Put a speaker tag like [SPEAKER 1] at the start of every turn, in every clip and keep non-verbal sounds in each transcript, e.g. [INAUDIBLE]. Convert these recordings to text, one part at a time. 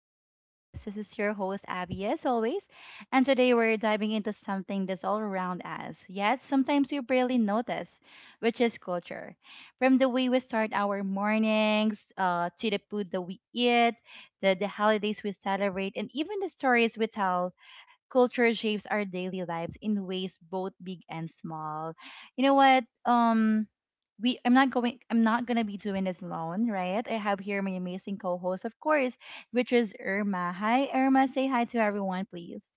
[SPEAKER 1] to Abby Vibes. This is your host, Abby, as always. And today we're diving into something that's all around us, yet sometimes we barely notice, which is culture. From the way we start our mornings, to the food that we eat, the holidays we celebrate, and even the stories we tell culture shapes our daily lives in ways both big and small. You know what? We I'm not going I'm not gonna be doing this alone, right? I have here my amazing co-host, of course, which is Irma. Hi Irma, say hi to everyone, please.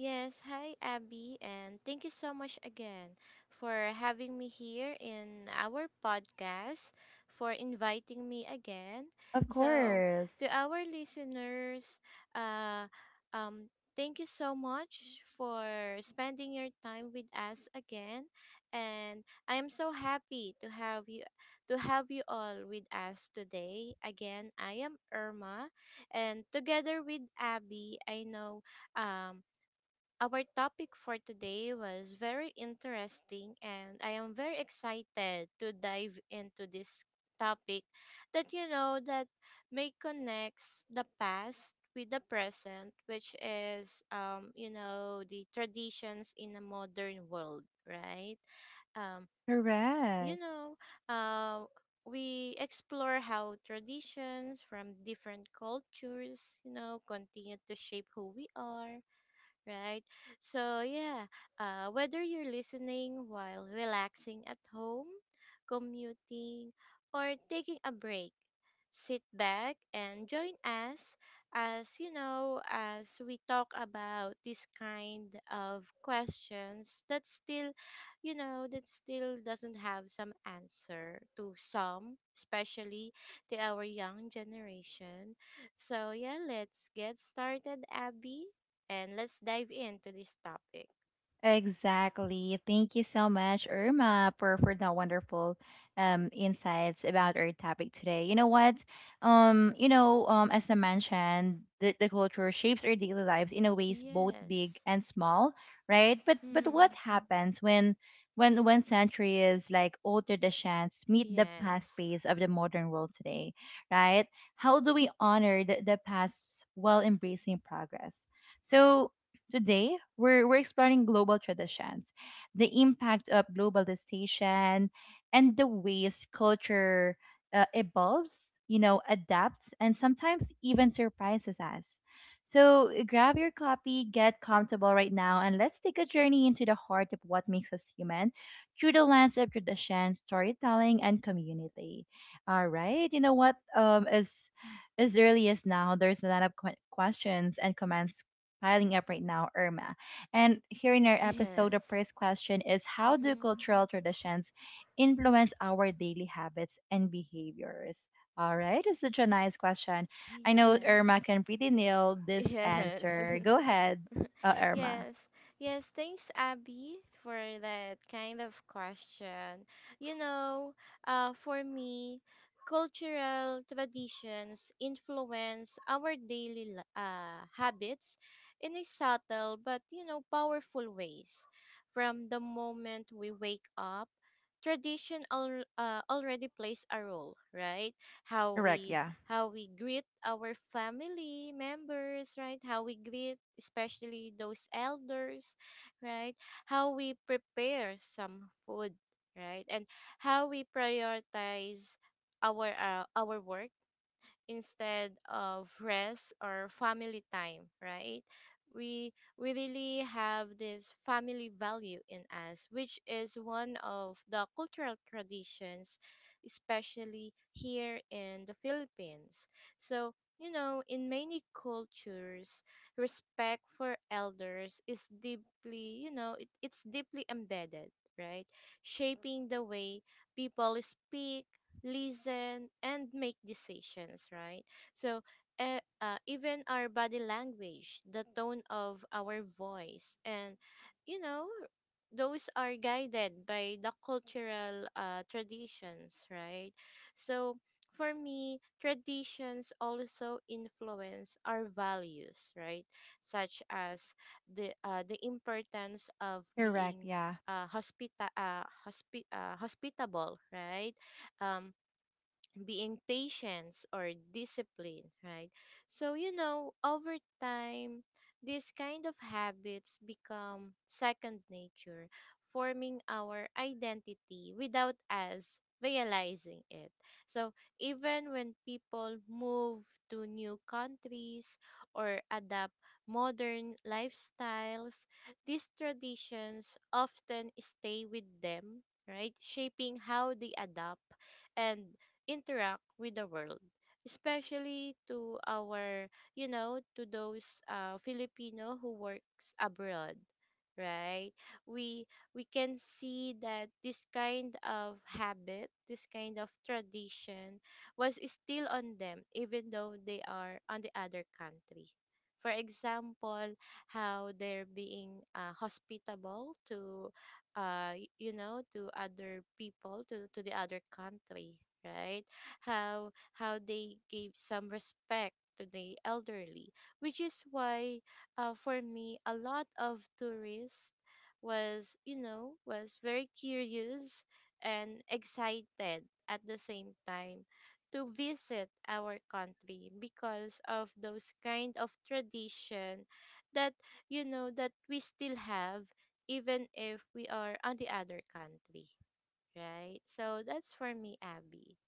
[SPEAKER 2] Yes, hi Abby, and thank you so much again for having me here in our podcast, for inviting me again.
[SPEAKER 1] Of
[SPEAKER 2] So,
[SPEAKER 1] course.
[SPEAKER 2] to our listeners, uh, um, thank you so much for spending your time with us again, and I am so happy to have you all with us today. Again, I am Irma, and together with Abby, I know um our topic for today was very interesting, and I am very excited to dive into this topic that you know that may connects the past with the present, which is you know the traditions in a modern world, right? um, you
[SPEAKER 1] Correct.
[SPEAKER 2] know, uh, we explore how traditions from different cultures, you know, continue to shape who we are, right? So, yeah, whether you're listening while relaxing at home, commuting, or taking a break, sit back and join us as you know, as we talk about this kind of questions that still, you know, that still doesn't have some answer to some, especially to our young generation. So, yeah, let's get started, Abby, and let's dive into this topic.
[SPEAKER 1] Exactly. Thank you so much, Irma, for the wonderful insights about our topic today. You know what? As I mentioned, the culture shapes our daily lives in a ways both big
[SPEAKER 2] Yes.
[SPEAKER 1] and small, right? But what
[SPEAKER 2] Mm.
[SPEAKER 1] happens when when centuries like old traditions meet the past
[SPEAKER 2] Yes.
[SPEAKER 1] space
[SPEAKER 2] [LAUGHS]
[SPEAKER 1] of the modern world today, right? How do we honor the past while embracing progress? So today, we're exploring global traditions, the impact of globalization, and the ways culture evolves, you know, adapts, and sometimes even surprises us. So grab your copy, get comfortable right now, and let's take a journey into the heart of what makes us human through the lens of tradition, storytelling, and community. All right, you know what? As early as now, there's a lot of questions and comments piling up right now, Irma. And here in our episode, the
[SPEAKER 2] Yes.
[SPEAKER 1] first question is: how do
[SPEAKER 2] Mhm.
[SPEAKER 1] cultural traditions influence our daily habits and behaviors? All right, it's such a nice question. I know Irma
[SPEAKER 2] Yes.
[SPEAKER 1] can pretty nail
[SPEAKER 2] [LAUGHS]
[SPEAKER 1] this
[SPEAKER 2] Yes.
[SPEAKER 1] answer. Go
[SPEAKER 2] [LAUGHS]
[SPEAKER 1] ahead, Irma.
[SPEAKER 2] Yes, yes, thanks, Abby, for that kind of question. You know, for me, cultural traditions influence our daily habits in a subtle but, you know, powerful ways. From the moment we wake up, tradition already plays a role, right? how
[SPEAKER 1] Correct,
[SPEAKER 2] we
[SPEAKER 1] yeah.
[SPEAKER 2] how we greet our family members, right? How we greet especially those elders, right? How we prepare some food, right? And how we prioritize our work instead of rest or family time, right? We we really have this family value in us, which is one of the cultural traditions, especially here in the Philippines. So, you know, in many cultures, respect for elders is deeply, you know, it's deeply embedded, right? Shaping the way people speak, listen, and make decisions, right? So, even our body language, the tone of our voice, and you know, those are guided by the cultural traditions, right? So, for me, traditions also influence our values, right? Such as the importance of
[SPEAKER 1] Correct,
[SPEAKER 2] being
[SPEAKER 1] yeah.
[SPEAKER 2] hospitable, right? Um, being patience or discipline, right? So, you know, over time, these kind of habits become second nature, forming our identity without us realizing it. So, even when people move to new countries or adapt modern lifestyles, these traditions often stay with them, right? Shaping how they adapt and interact with the world, especially to our you know to those filipino who works abroad, right? we we can see that this kind of habit, this kind of tradition was still on them even though they are on the other country. For example, how they're being hospitable to you know to other people, to the other country, right? How they gave some respect to the elderly, which is why for me a lot of tourists was you know was very curious and excited at the same time to visit our country because of those kind of tradition that you know that we still have even if we are on the other country, right? So that's for me, Abby.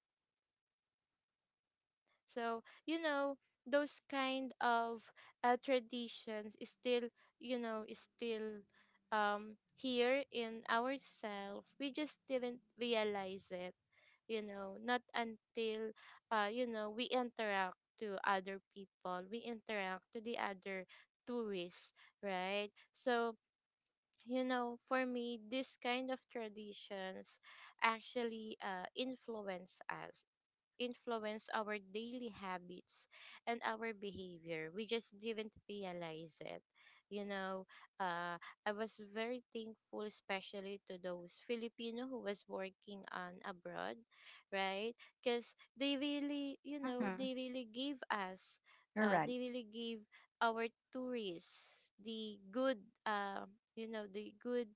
[SPEAKER 2] So, you know, those kind of traditions is still, you know, is still here in ourselves. We just didn't realize it, you know, not until, you know, we interact to other people, we interact to the other tourists, right? So, you know, for me, this kind of traditions actually influence our daily habits and our behavior. We just didn't realize it. You know, uh, I was very thankful, especially to those Filipino who was working on abroad, right? Because they really, you know,
[SPEAKER 1] Mm-hmm. Correct.
[SPEAKER 2] they really give our tourists the good, uh, you know, the good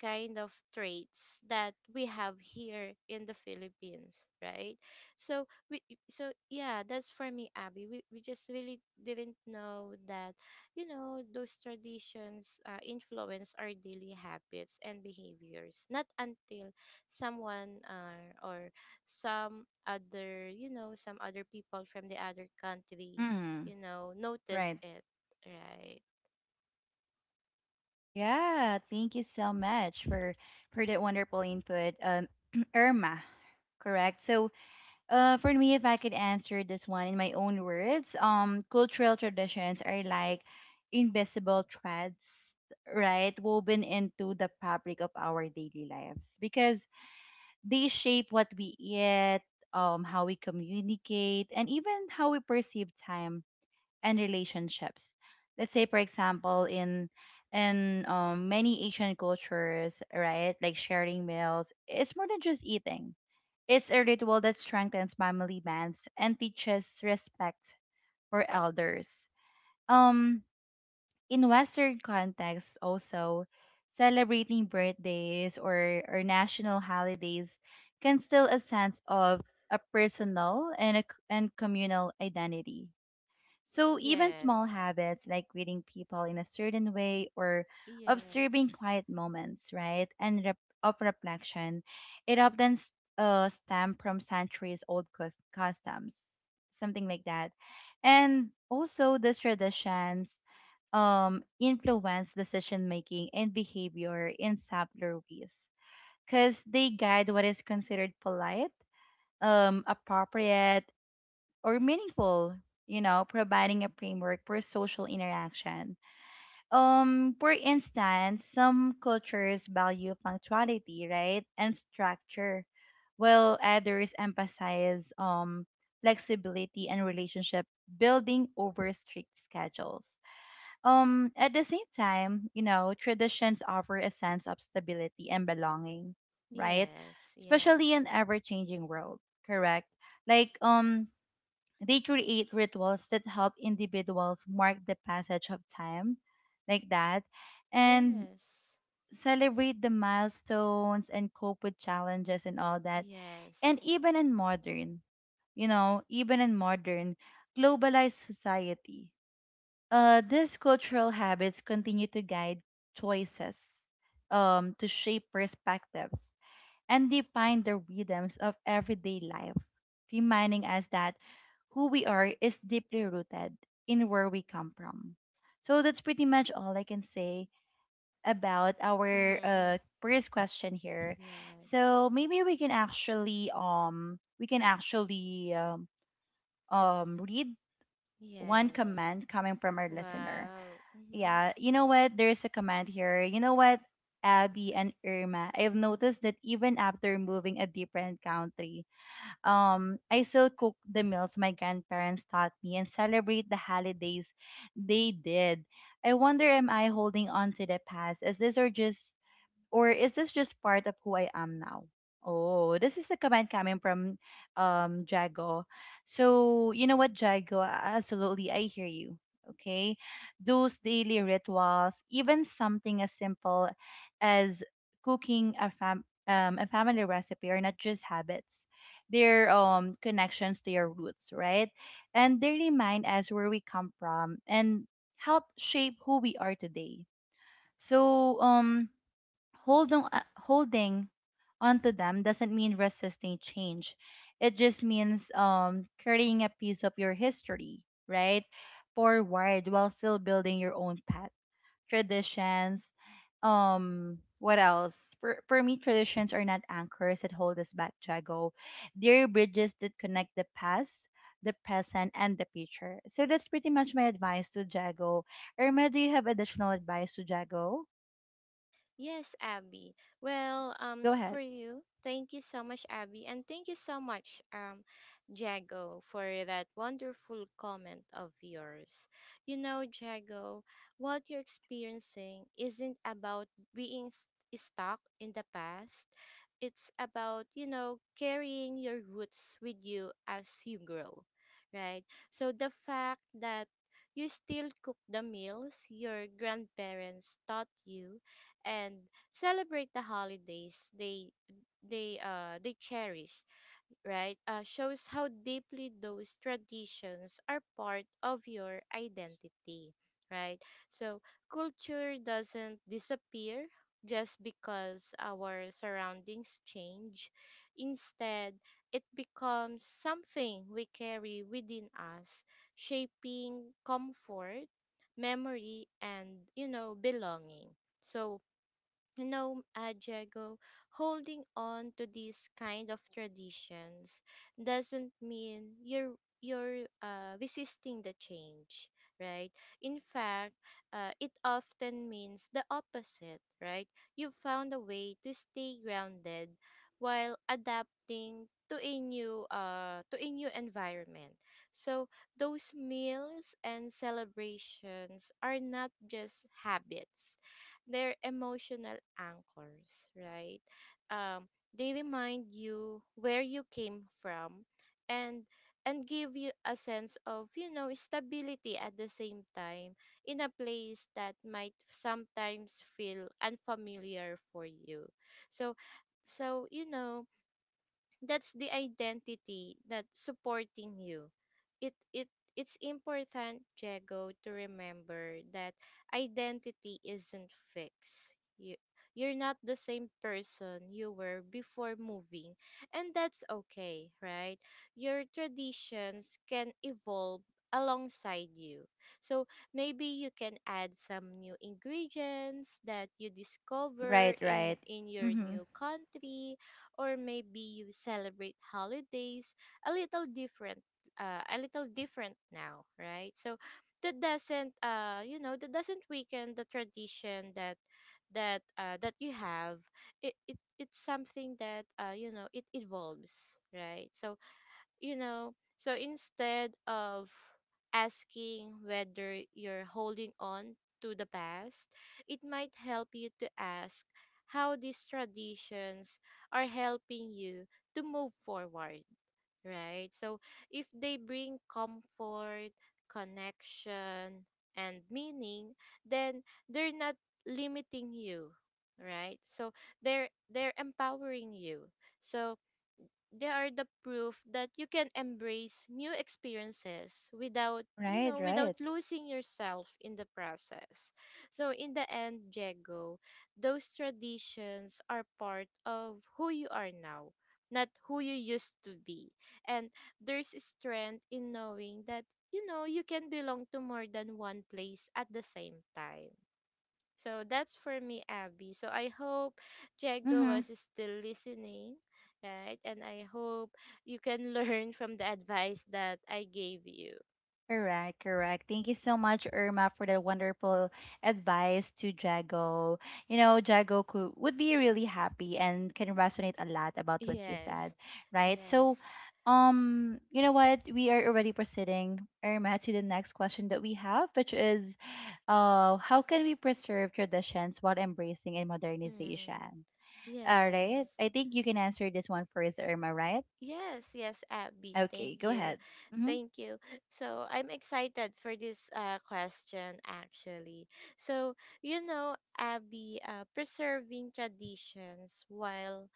[SPEAKER 2] kind of traits that we have here in the Philippines, right? So we so yeah, that's for me, Abby. We just really didn't know that you know those traditions influence our daily habits and behaviors not until someone or some other you know some other people from the other country
[SPEAKER 1] Mm-hmm.
[SPEAKER 2] you know notice
[SPEAKER 1] Right.
[SPEAKER 2] it, right?
[SPEAKER 1] Yeah, thank you so much for that wonderful input, [CLEARS THROAT] Irma. Correct. So, for me, if I could answer this one in my own words, cultural traditions are like invisible threads, right, woven into the fabric of our daily lives because they shape what we eat, how we communicate, and even how we perceive time and relationships. Let's say, for example, in many Asian cultures, right, like sharing meals, it's more than just eating, it's a ritual that strengthens family bonds and teaches respect for elders. Um, in Western contexts, also celebrating birthdays or national holidays can still a sense of a personal and a c and communal identity. So even small
[SPEAKER 2] Yes,
[SPEAKER 1] habits like greeting people in a certain way or observing
[SPEAKER 2] yes,
[SPEAKER 1] quiet moments, right, and of reflection, it often stem from centuries old customs, something like that. And also these traditions influence decision making and behavior in subtler ways because they guide what is considered polite, appropriate, or meaningful, you know, providing a framework for social interaction. For instance, some cultures value punctuality, right, and structure, while others emphasize flexibility and relationship building over strict schedules. At the same time, you know, traditions offer a sense of stability and belonging, right?
[SPEAKER 2] yes,
[SPEAKER 1] Especially
[SPEAKER 2] yes,
[SPEAKER 1] in ever-changing world, correct? Like they create rituals that help individuals mark the passage of time, like that, and
[SPEAKER 2] yes,
[SPEAKER 1] celebrate the milestones and cope with challenges and all that. And
[SPEAKER 2] yes.
[SPEAKER 1] even in modern, you know, even in modern globalized society, these cultural habits continue to guide choices, to shape perspectives and define the rhythms of everyday life, reminding us that who we are is deeply rooted in where we come from. So that's pretty much all I can say about our
[SPEAKER 2] Mm-hmm.
[SPEAKER 1] first question here.
[SPEAKER 2] Yes.
[SPEAKER 1] So maybe we can actually read one
[SPEAKER 2] Yes.
[SPEAKER 1] comment coming from our listener.
[SPEAKER 2] Wow. Mm-hmm.
[SPEAKER 1] Yeah, you know what? There's a comment here. You know what, Abby and Irma, I've noticed that even after moving a different country, I still cook the meals my grandparents taught me and celebrate the holidays they did. I wonder, am I holding on to the past? Is this or just or is this just part of who I am now? Oh, this is a comment coming from Jago. So you know what, Jago? Absolutely, I hear you. Okay, those daily rituals, even something as simple as cooking a family recipe, are not just habits. They're connections to your roots, right? And they remind us where we come from and help shape who we are today. So holding onto them doesn't mean resisting change. It just means carrying a piece of your history, right, forward while still building your own path, traditions. What else? For me, traditions are not anchors that hold us back, Jago. They're bridges that connect the past, the present, and the future. So that's pretty much my advice to Jago. Irma, do you have additional advice to Jago?
[SPEAKER 2] Yes, Abby. Well,
[SPEAKER 1] Go
[SPEAKER 2] for
[SPEAKER 1] ahead.
[SPEAKER 2] you, thank you so much, Abby, and thank you so much, Jago, for that wonderful comment of yours. You know, Jago, what you're experiencing isn't about being stuck in the past. It's about, you know, carrying your roots with you as you grow, right? So the fact that you still cook the meals your grandparents taught you and celebrate the holidays they cherish, right? Shows how deeply those traditions are part of your identity, right? So culture doesn't disappear just because our surroundings change. Instead, it becomes something we carry within us, shaping comfort, memory, and you know belonging. So no, Diego, holding on to these kind of traditions doesn't mean you're resisting the change, right? In fact, it often means the opposite, right? You found a way to stay grounded while adapting to a new environment. So those meals and celebrations are not just habits, they're emotional anchors, right? Um, they remind you where you came from and and give you a sense of, you know, stability at the same time in a place that might sometimes feel unfamiliar for you. So, so, you know, that's the identity that's supporting you. It it it's important, Jago, to remember that identity isn't fixed. You you're not the same person you were before moving, and that's okay, right? Your traditions can evolve alongside you. So maybe you can add some new ingredients that you discover
[SPEAKER 1] Right, right.
[SPEAKER 2] in your
[SPEAKER 1] Mm-hmm.
[SPEAKER 2] new country, or maybe you celebrate holidays a little different a little different now, right? So that doesn't, you know, that doesn't weaken the tradition that that you have. It's something that you know it evolves, right? So you know, so instead of asking whether you're holding on to the past, it might help you to ask how these traditions are helping you to move forward, right? So if they bring comfort, connection, and meaning, then they're not limiting you, right? So they're empowering you. So they are the proof that you can embrace new experiences without you
[SPEAKER 1] Right,
[SPEAKER 2] know without
[SPEAKER 1] right.
[SPEAKER 2] losing yourself in the process. So in the end, Jago, those traditions are part of who you are now, not who you used to be, and there's strength in knowing that you know you can belong to more than one place at the same time. So that's for me, Abby. So I hope Jago
[SPEAKER 1] Mm-hmm.
[SPEAKER 2] was still listening, right? And I hope you can [LAUGHS] learn from the advice that I gave you.
[SPEAKER 1] Correct, correct. Thank you so much, Irma, for the wonderful advice to Jago. You know, Jago could, would be really happy and can resonate a lot about what you
[SPEAKER 2] Yes,
[SPEAKER 1] said, right?
[SPEAKER 2] yes,
[SPEAKER 1] So, you know what? We are already proceeding, Irma, to the next question that we have, which is, how can we preserve traditions while embracing and
[SPEAKER 2] mm,
[SPEAKER 1] modernization? All right.
[SPEAKER 2] yes,
[SPEAKER 1] I think you can answer this one first, Irma, right?
[SPEAKER 2] yes, yes, Abby.
[SPEAKER 1] Okay,
[SPEAKER 2] Thank
[SPEAKER 1] go
[SPEAKER 2] you,
[SPEAKER 1] ahead. Mm-hmm.
[SPEAKER 2] thank you. So I'm excited for this question actually. So you know, Abby, preserving traditions while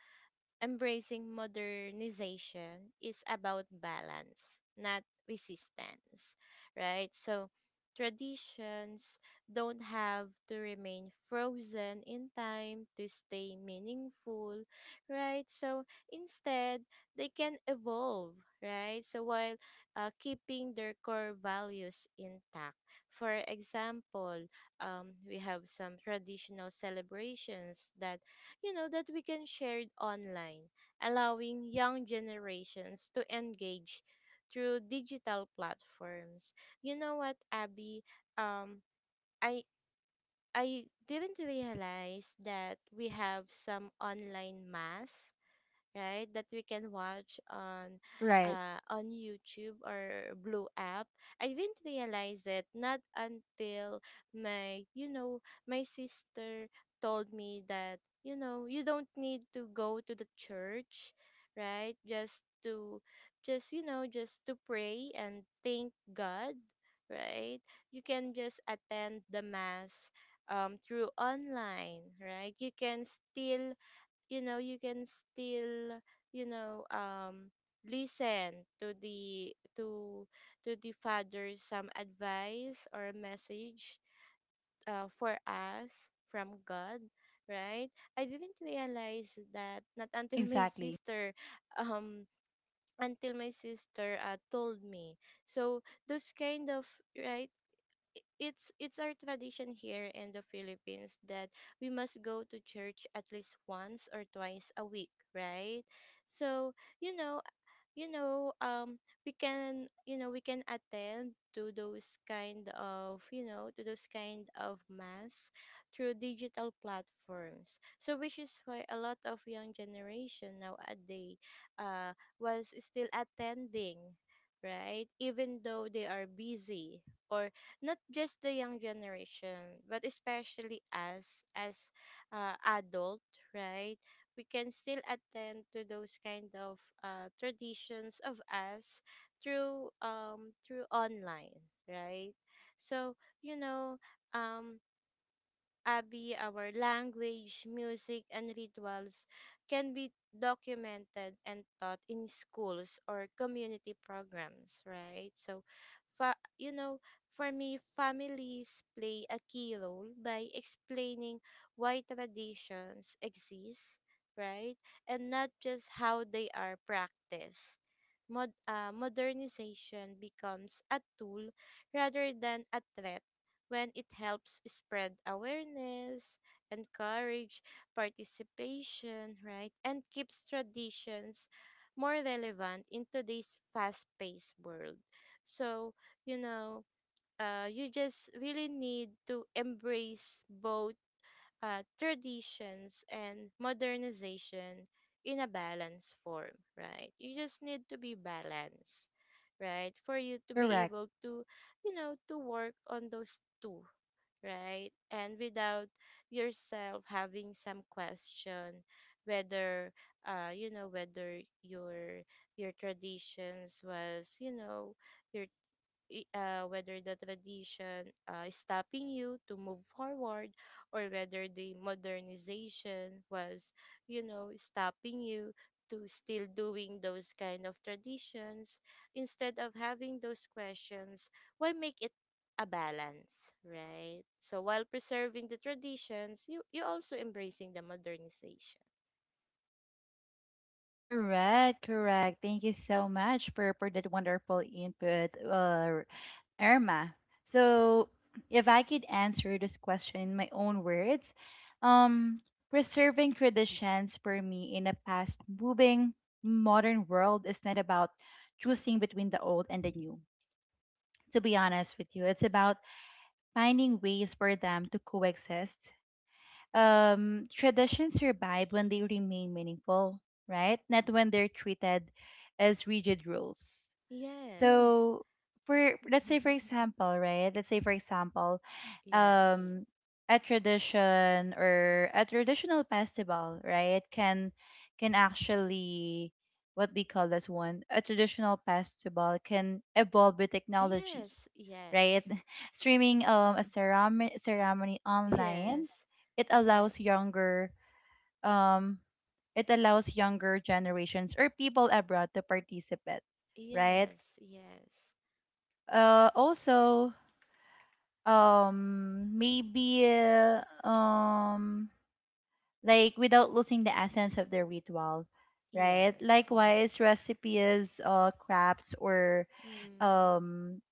[SPEAKER 2] embracing modernization is about balance, not resistance, right? So, traditions don't have to remain frozen in time to stay meaningful, right? So, instead, they can evolve, right? So, while keeping their core values intact. For example, we have some traditional celebrations that you know that we can share it online, allowing young generations to engage through digital platforms. You know what, Abby? Um, I I didn't realize that we have some online mass, right? That we can watch
[SPEAKER 1] Right.
[SPEAKER 2] on YouTube or Blue app. I didn't realize it not until my you know my sister told me that you know you don't need to go to the church, right? Just to, just you know just to pray and thank God, right? You can just attend the mass through online, right? You can still you know you can still you know listen to the to to the father's some advice or message for us from god, right? I didn't realize that not [LAUGHS] until my
[SPEAKER 1] Exactly.
[SPEAKER 2] sister um told me. So those kind of, right, it's our tradition here in the Philippines that we must go to church at least once or twice a week, right? So, you know, you know we can you know we can attend to those kind of you know to those kind of mass through digital platforms. So which is why a lot of young generation nowadays uh was still attending, right, even though they are busy, or not just the young generation, but especially us as adult, right? We can still attend to those kind of traditions of us through through online, right? So you know um Abi, our language, music, and rituals can be documented and taught in schools or community programs, right? So, fa- you know, for me, families play a key role by explaining why traditions exist, right? And not just how they are practiced. Modernization becomes a tool rather than a threat when it helps spread awareness, encourage participation, right? And keeps traditions more relevant in today's fast-paced world. So, you know, you just really need to embrace both traditions and modernization in a balanced form, right? You just need to be balanced, right? For you to be
[SPEAKER 1] Correct.
[SPEAKER 2] able to, you know, to work on those two, right? And without yourself having some question whether you know whether your traditions was you know your whether the tradition is stopping you to move forward or whether the modernization was you know stopping you to still doing those kind of traditions instead of having those questions why make it a balance, right? So while preserving the traditions, you also embracing the modernization.
[SPEAKER 1] Correct. Correct. Thank you so much for that wonderful input, Irma. So, if I could answer this question in my own words, um, preserving traditions for me in a fast moving modern world is not about choosing between the old and the new. To be honest with you, it's about finding ways for them to coexist. Traditions survive when they remain meaningful, right? Not when they're treated as rigid rules. Mm.
[SPEAKER 2] Yes.
[SPEAKER 1] So, for let's say for
[SPEAKER 2] [LAUGHS]
[SPEAKER 1] example, right? Let's say for example,
[SPEAKER 2] Yes,
[SPEAKER 1] um a tradition or a traditional festival, right? Can actually, what they call this one? A traditional festival can evolve with technology,
[SPEAKER 2] yes,
[SPEAKER 1] right?
[SPEAKER 2] yes,
[SPEAKER 1] [LAUGHS] Streaming a ceremony online,
[SPEAKER 2] yes,
[SPEAKER 1] it
[SPEAKER 2] yes.
[SPEAKER 1] allows younger um generations or people abroad to participate, right?
[SPEAKER 2] Yes, yes,
[SPEAKER 1] Also maybe um like without losing the essence of the ritual, right?
[SPEAKER 2] yes,
[SPEAKER 1] Likewise
[SPEAKER 2] yes.
[SPEAKER 1] recipes, crafts, or
[SPEAKER 2] Hmm.
[SPEAKER 1] um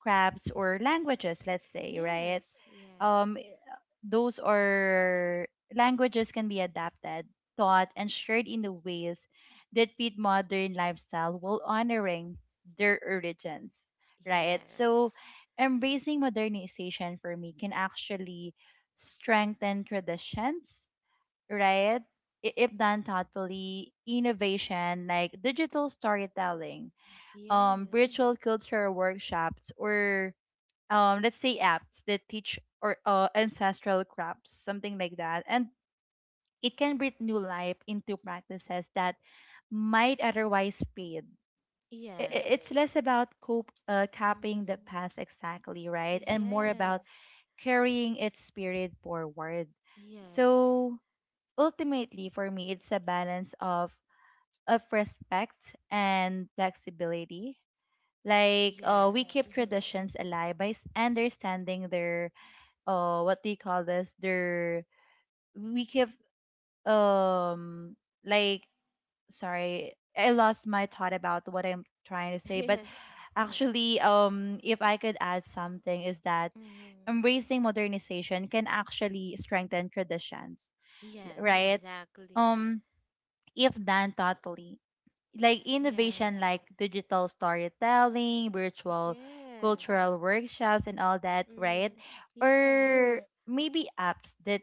[SPEAKER 1] languages, let's say, right?
[SPEAKER 2] Yes, yes,
[SPEAKER 1] Eh, those are Languages can be adapted, taught, and shared in the ways that fit modern lifestyle while honoring their origins, right? So
[SPEAKER 2] yes,
[SPEAKER 1] embracing modernization for me can actually strengthen traditions, right? If done thoughtfully, innovation like digital storytelling,
[SPEAKER 2] yes,
[SPEAKER 1] virtual culture workshops, or let's say apps that teach or ancestral crafts, something like that, and it can breathe new life into practices that might otherwise fade.
[SPEAKER 2] yes.
[SPEAKER 1] It's less about copying the
[SPEAKER 2] Hmm.
[SPEAKER 1] past exactly, right, and more about
[SPEAKER 2] Yes,
[SPEAKER 1] carrying its spirit forward.
[SPEAKER 2] yes,
[SPEAKER 1] So ultimately for me it's a balance of respect and flexibility. Like, we
[SPEAKER 2] yes,
[SPEAKER 1] keep
[SPEAKER 2] mhm.
[SPEAKER 1] traditions alive by understanding their what do you call this, their we keep um like sorry, I lost my thought about what I'm trying to
[SPEAKER 2] [LAUGHS]
[SPEAKER 1] say, but
[SPEAKER 2] Yes, yes.
[SPEAKER 1] actually if I could add something is that
[SPEAKER 2] Mm.
[SPEAKER 1] embracing modernization can actually strengthen traditions,
[SPEAKER 2] Yes,
[SPEAKER 1] right?
[SPEAKER 2] exactly.
[SPEAKER 1] um if done thoughtfully, like innovation
[SPEAKER 2] Yes,
[SPEAKER 1] like digital storytelling, virtual
[SPEAKER 2] yes.
[SPEAKER 1] cultural workshops and all that, right?
[SPEAKER 2] Mm.
[SPEAKER 1] Or
[SPEAKER 2] Yes,
[SPEAKER 1] maybe apps that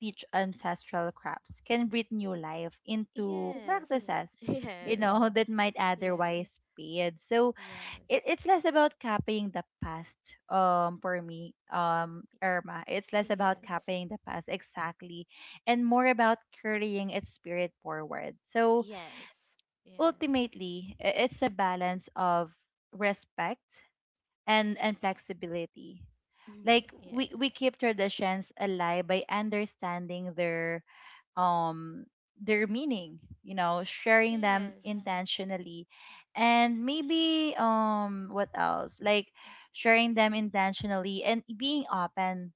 [SPEAKER 1] teach ancestral crafts can breathe new life into
[SPEAKER 2] yes,
[SPEAKER 1] practices,
[SPEAKER 2] [LAUGHS]
[SPEAKER 1] you
[SPEAKER 2] yes,
[SPEAKER 1] know, [LAUGHS] that might
[SPEAKER 2] yes,
[SPEAKER 1] otherwise fade. So
[SPEAKER 2] yes,
[SPEAKER 1] it's less about copying the past,
[SPEAKER 2] y-
[SPEAKER 1] Irma. It's less about
[SPEAKER 2] yes.
[SPEAKER 1] copying the past exactly and more about carrying its spirit forward. So
[SPEAKER 2] Yes, yes,
[SPEAKER 1] ultimately it's a balance of respect and flexibility,
[SPEAKER 2] [CLEARS THROAT]
[SPEAKER 1] like we
[SPEAKER 2] yes,
[SPEAKER 1] keep traditions alive by understanding um their meaning, you know, sharing them
[SPEAKER 2] yes,
[SPEAKER 1] intentionally and maybe what else like sharing them intentionally and being open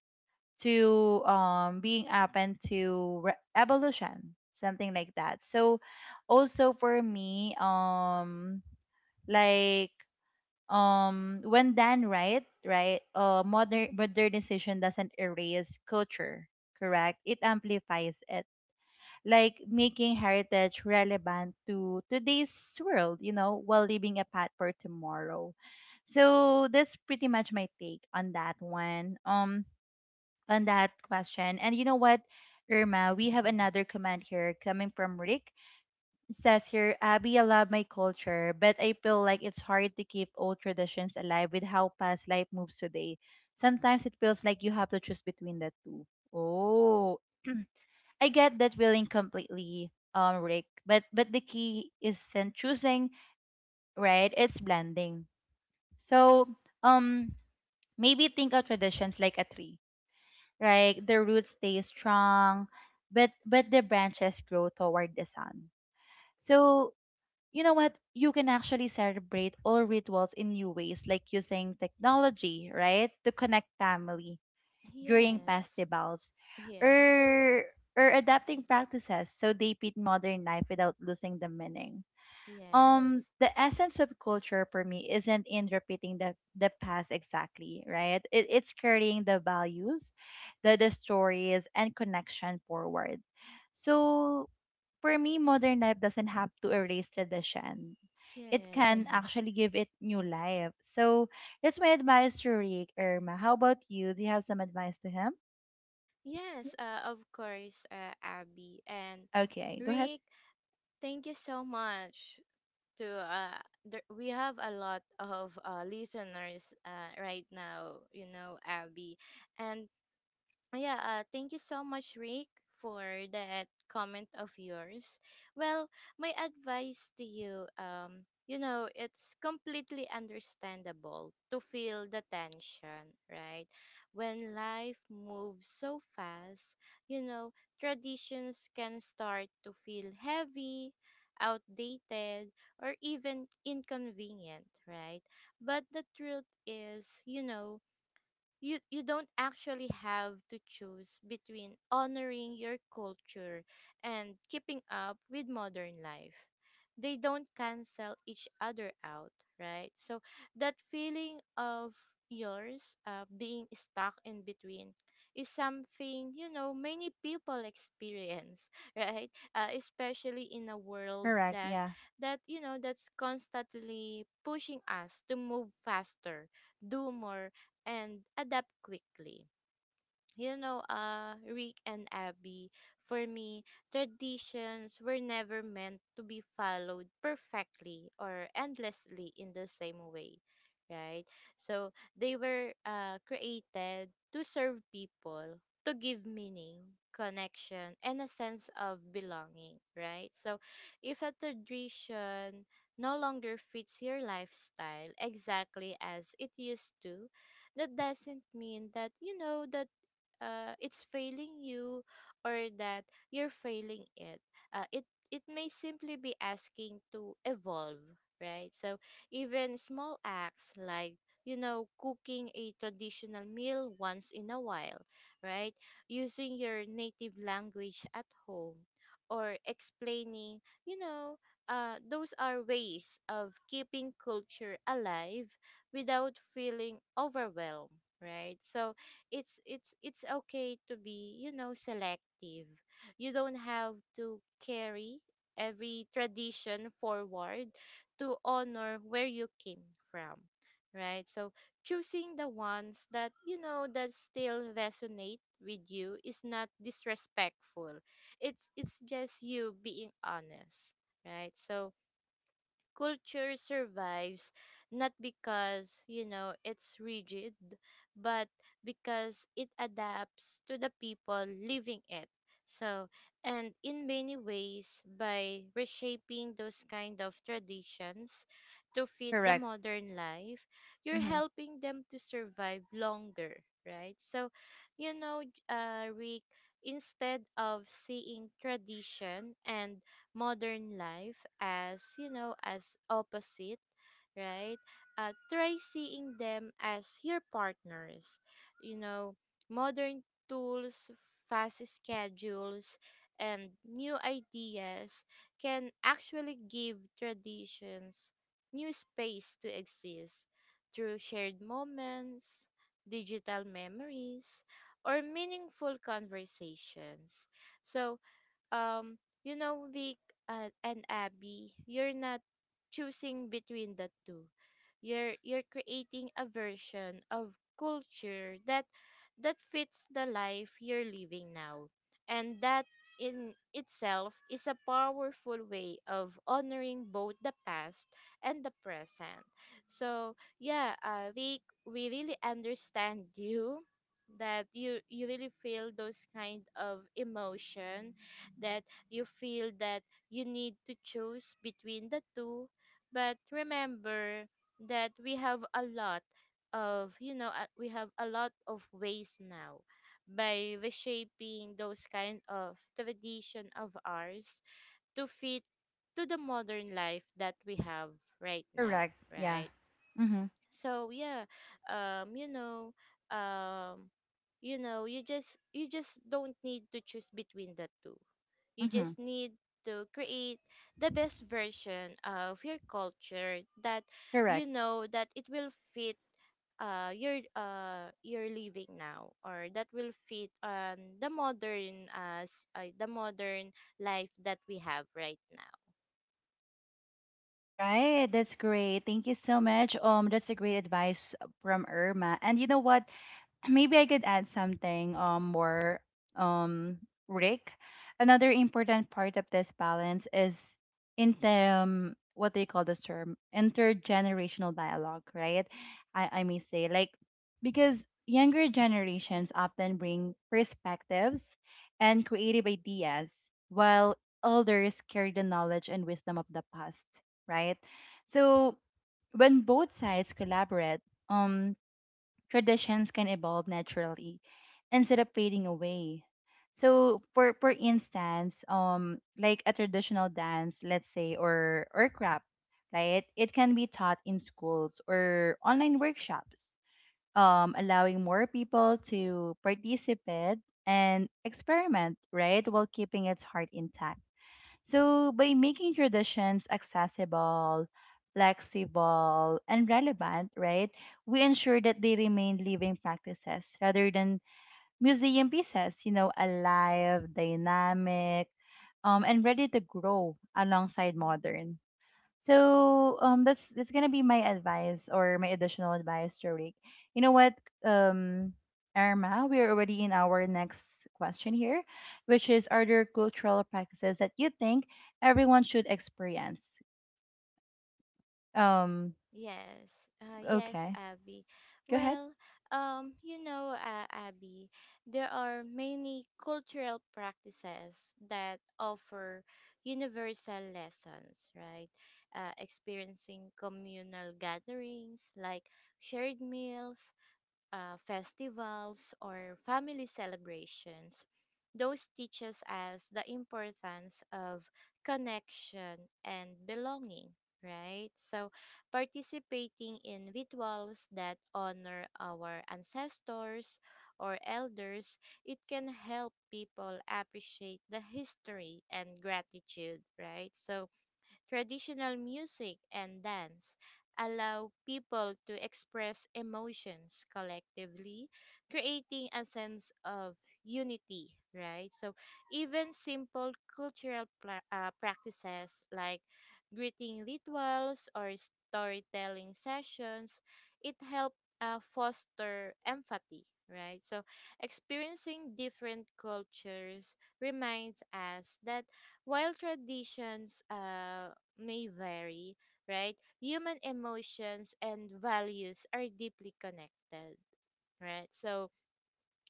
[SPEAKER 1] to being open to evolution, something like that. So, also for me, like when done right, right, modernization doesn't erase culture, correct? It amplifies it, like making heritage relevant to today's world, you know, while leaving a path for tomorrow. So that's pretty much my take on that one. On that question. And you know what, Irma, we have another comment here coming from Rick. It says here, Abby, I love my culture, but I feel like it's hard to keep old traditions alive with how fast life moves today. Sometimes it feels like you have to choose between the two. Oh, [CLEARS THROAT] I get that feeling completely, Rick. But the key isn't choosing, right? It's blending. So um, maybe think of traditions like a tree, like the roots stay strong, but the branches grow toward the sun. So you know what? You can actually celebrate all rituals in new ways, like using technology, right, to connect family during
[SPEAKER 2] yes,
[SPEAKER 1] festivals,
[SPEAKER 2] yes,
[SPEAKER 1] or or adapting practices so they fit modern life without losing the meaning.
[SPEAKER 2] yes,
[SPEAKER 1] The essence of culture for me isn't in repeating the past exactly right it's carrying the values, the stories and connection forward. So for me, modern life doesn't have to erase tradition. It can
[SPEAKER 2] yes,
[SPEAKER 1] actually give it new life. So that's my advice to Rick. Irma, how about you? Do you have some advice to him?
[SPEAKER 2] yes, of course, Abby and
[SPEAKER 1] Okay, go ahead.
[SPEAKER 2] Rick, thank you so much to there, we have a lot of listeners right now, you know, Abby, and yeah, thank you so much, Rick, for that comment of yours. Well, my advice to you, you know, it's completely understandable to feel the tension, right? When life moves so fast, you know, traditions can start to feel heavy, outdated, or even inconvenient, right? But the truth is, you know, you don't actually have to choose between honoring your culture and keeping up with modern life. They don't cancel each other out, right? So that feeling of yours being stuck in between is something, you know, many people experience. [LAUGHS] Right, especially in a world
[SPEAKER 1] Correct.
[SPEAKER 2] that
[SPEAKER 1] Yeah.
[SPEAKER 2] you know that's constantly pushing us to move faster, do more, and adapt quickly, you know, Rick and Abby, for me, traditions were never meant to be followed perfectly or endlessly in the same way, right? So they were created to serve people, to give meaning, connection, and a sense of belonging, right? So if a tradition no longer fits your lifestyle exactly as it used to, that doesn't mean that you know that it's failing you or that you're failing it. Uh, it it may simply be asking to evolve, right? So even small acts like you know cooking a traditional meal once in a while, right? Using your native language at home or explaining, you know, those are ways of keeping culture alive without feeling overwhelmed, right? So it's okay to be you know selective. You don't have to carry every tradition forward to honor where you came from, right? So choosing the ones that you know that still resonate with you is not disrespectful. It's just you being honest, right? So culture survives not because, you know, it's rigid, but because it adapts to the people living it. So, and in many ways, by reshaping those kind of traditions to fit the
[SPEAKER 1] Correct.
[SPEAKER 2] modern life, you're
[SPEAKER 1] Mm-hmm.
[SPEAKER 2] helping them to survive longer, right? So, you know, Rick, instead of seeing tradition and modern life as you know as opposite, right, try seeing them as your partners, you know, modern tools, fast schedules, and new ideas can actually give traditions new space to exist through shared moments, digital memories, or meaningful conversations. So um you know Vic and Abby, you're not choosing between the two. You're creating a version of culture that fits the life you're living now, and that in itself is a powerful way of honoring both the past and the present. So yeah, Vic, we really understand [LAUGHS] you, that you really feel those kind of emotion, that you feel that you need to choose between the two. But remember that we have a lot of, you know, we have a lot of ways now by reshaping those kind of tradition of ours to fit to the modern life that we have right now,
[SPEAKER 1] Correct. Yeah.
[SPEAKER 2] right?
[SPEAKER 1] Mm-hmm.
[SPEAKER 2] So yeah, you know um you know you just don't need to choose between the two. You
[SPEAKER 1] Mm-hmm.
[SPEAKER 2] just need to create the best version of your culture that you
[SPEAKER 1] Correct.
[SPEAKER 2] know that it will fit your living now, or that will fit on the modern as the modern life that we have right now.
[SPEAKER 1] Right, that's great. Thank you so much. That's a great advice from Irma. And you know what? Maybe I could add something more, um Rick. Another important part of this balance is in the what they call this term, intergenerational dialogue, right? I may say, like, because younger generations often bring perspectives and creative ideas, while elders carry the knowledge and wisdom of the past, right? So when both sides collaborate, um traditions can evolve naturally instead of fading away. So for instance, like a traditional dance, let's say, or craft, right? It can be taught in schools or online workshops, allowing more people to participate and experiment, right, while keeping its heart intact. So, by making traditions accessible, flexible, and relevant, right, we ensure that they remain living practices rather than museum pieces, you know, alive, dynamic, and ready to grow alongside modern. So that's gonna be my advice or my additional advice, Rick. You know what, um Irma, we're already in our next question here, which is, are there cultural practices that you think everyone should experience? Um,
[SPEAKER 2] Yes, yes,
[SPEAKER 1] okay.
[SPEAKER 2] Abby.
[SPEAKER 1] Go ahead.
[SPEAKER 2] Well, you know, Abby, there are many cultural practices that offer universal lessons, right? Experiencing communal gatherings like shared meals, festivals, or family celebrations. Those teaches us the importance of connection and belonging, right? So, participating in rituals that honor our ancestors or elders, it can help people appreciate the history and gratitude, right? So, traditional music and dance allow people to express emotions collectively, creating a sense of unity, right? So, even simple cultural practices like greeting rituals or storytelling sessions, it help foster empathy, right? So, experiencing different cultures reminds us that while traditions may vary, right? Human emotions and values are deeply connected, right? So,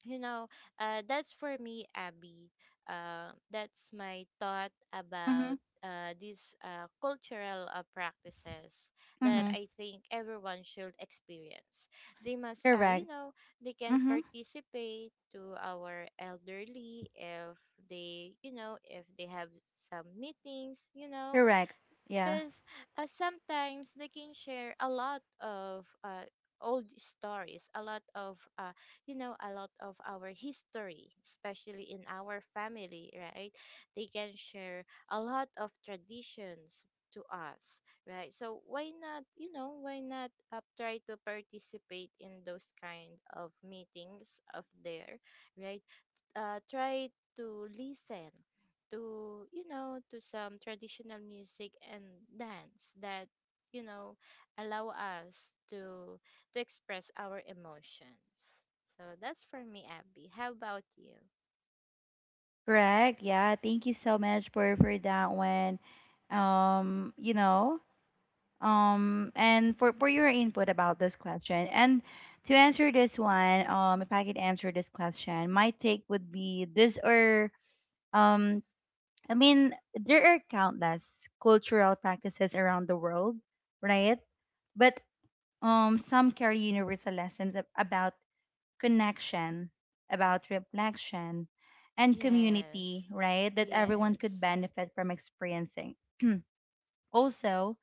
[SPEAKER 2] you know, that's for me, Abby. That's my thought
[SPEAKER 1] Mm-hmm.
[SPEAKER 2] about these cultural practices that
[SPEAKER 1] Mm-hmm.
[SPEAKER 2] I think everyone should experience. They must, you
[SPEAKER 1] Correct.
[SPEAKER 2] know, they can
[SPEAKER 1] Mm-hmm.
[SPEAKER 2] participate to our elderly if they, you know, if they have some meetings, you know,
[SPEAKER 1] Correct. Yeah.
[SPEAKER 2] because sometimes they can share a lot of old stories, a lot of you know a lot of our history, especially in our family, right? They can share a lot of traditions to us, right? So why not, you know, why not try to participate in those kind of meetings of there, right? Try to listen to you know to some traditional music and dance that you know allow us to express our emotions. So that's for me, Abby, how about you?
[SPEAKER 1] Correct. Yeah. Thank you so much for that one. You know, and for your input about this question. And to answer this one, if I could answer this question, my take would be this, or um I mean, there are countless cultural practices around the world, right? But some carry universal lessons about connection, about reflection, and
[SPEAKER 2] Yes,
[SPEAKER 1] community, right, that everyone could
[SPEAKER 2] yes,
[SPEAKER 1] benefit from experiencing. [CLEARS THROAT] also,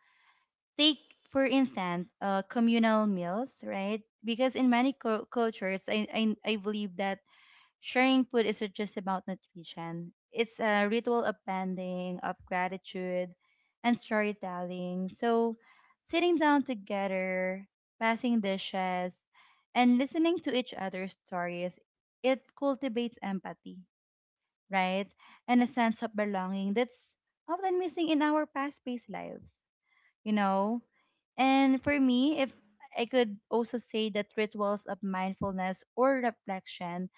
[SPEAKER 1] take, for instance, communal meals, right? Because in many cultures, I believe that sharing food isn't just about nutrition. It's a ritual of bonding, of gratitude, and storytelling. So, sitting down together, passing dishes, and listening to each other's stories, it cultivates empathy, right? And a sense of belonging that's often missing in our past-paced lives, you know? And for me, if I could also say that rituals of mindfulness or reflection,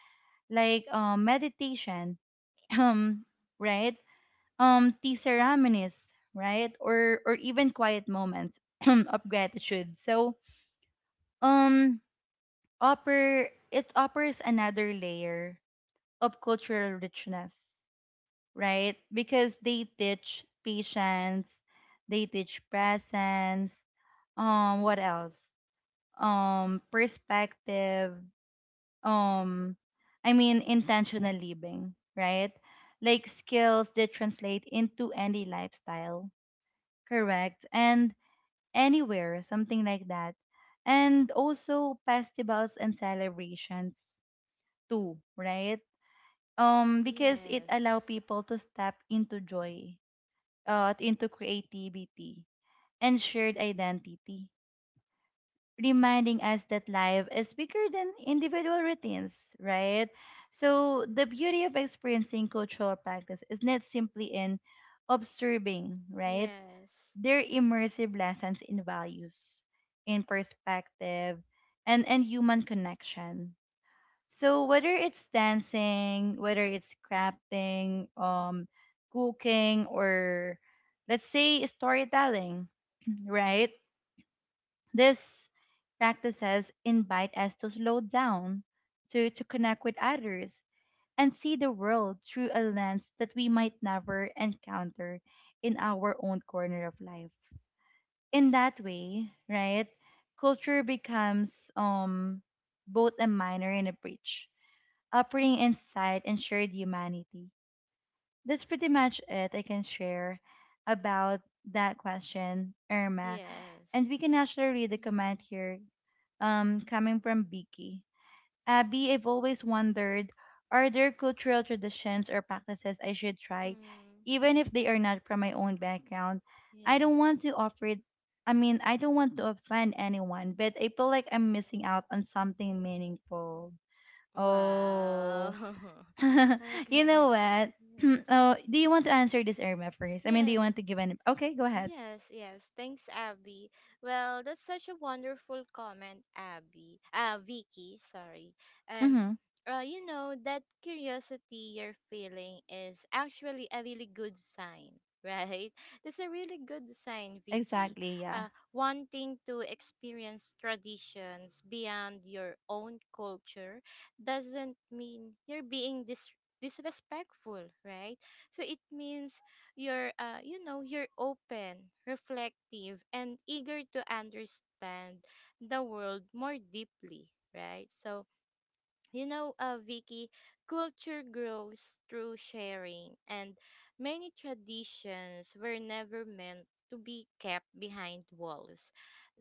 [SPEAKER 1] like meditation, [CLEARS THROAT] um, right? Tea ceremonies, right? Or even quiet moments [CLEARS THROAT] of gratitude. So um, offers another layer of cultural richness, right? Because they teach patience, they teach presence. What else? Um, perspective, um I mean intentional living, right, like skills that translate into any lifestyle, correct, and anywhere, something like that. And also festivals and celebrations too, right? Because it allow
[SPEAKER 2] yes,
[SPEAKER 1] people to step into joy, uh, into creativity, and shared identity, reminding us that life is bigger than individual routines, right? So the beauty of experiencing cultural practice is not simply in observing, right?
[SPEAKER 2] yes,
[SPEAKER 1] They're immersive lessons in values, in perspective, and, human connection. So whether it's dancing, whether it's crafting, cooking, or let's say storytelling, [CLEARS THROAT] right? This practices invite us to slow down, to, connect with others, and see the world through a lens that we might never encounter in our own corner of life. In that way, right, culture becomes both a minor and a bridge, offering insight and shared humanity. That's pretty much it I can share about that question, Irma.
[SPEAKER 2] yes,
[SPEAKER 1] And we can actually read the
[SPEAKER 2] mm-hmm.
[SPEAKER 1] comment here, coming from Vicky. Abby, I've always wondered, are there cultural traditions or practices I should try,
[SPEAKER 2] Hmm.
[SPEAKER 1] even if they are not from my own background? I don't want
[SPEAKER 2] Yes.
[SPEAKER 1] to offer it. I mean, I don't want to offend anyone, but I feel like I'm missing out on something meaningful.
[SPEAKER 2] Wow.
[SPEAKER 1] Oh, [LAUGHS]
[SPEAKER 2] [LAUGHS]
[SPEAKER 1] you know
[SPEAKER 2] Okay.
[SPEAKER 1] what?
[SPEAKER 2] Yes,
[SPEAKER 1] [CLEARS THROAT] oh, do you want to answer this, Irma, first? I mean, do you
[SPEAKER 2] yes.
[SPEAKER 1] want to give an? Okay, go ahead.
[SPEAKER 2] Yes, yes. Thanks, Abby. Well, that's such a wonderful comment, Abby. Vicky, sorry. And
[SPEAKER 1] Mm-hmm.
[SPEAKER 2] you know, that curiosity you're feeling is actually a really good sign, right? [LAUGHS] That's a really good sign, Vicky.
[SPEAKER 1] Exactly. Yeah.
[SPEAKER 2] Uh, wanting to experience traditions beyond your own culture doesn't mean disrespectful, right? So it means you're you know you're open, reflective, and eager to understand the world more deeply, right? So you know, Vicky, culture grows through sharing, and many traditions were never meant to be kept behind walls.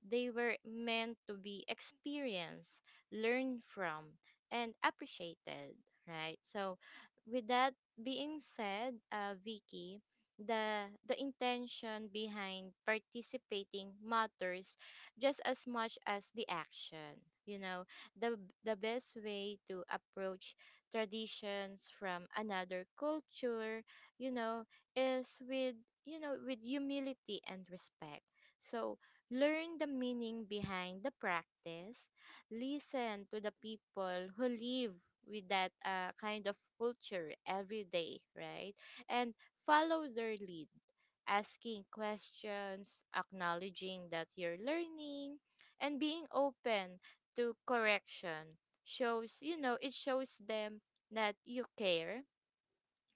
[SPEAKER 2] They were meant to be experienced, learned from, and appreciated, right? So, with that being said, Vicky, the intention behind participating matters just as much as the action. You know, the best way to approach traditions from another culture, you know, is with you know with humility and respect. So learn the meaning behind the practice, listen to the people who live with that kind of culture every day, right? And follow their lead, asking questions, acknowledging that you're learning, and being open to correction shows, you know, it shows them that you care,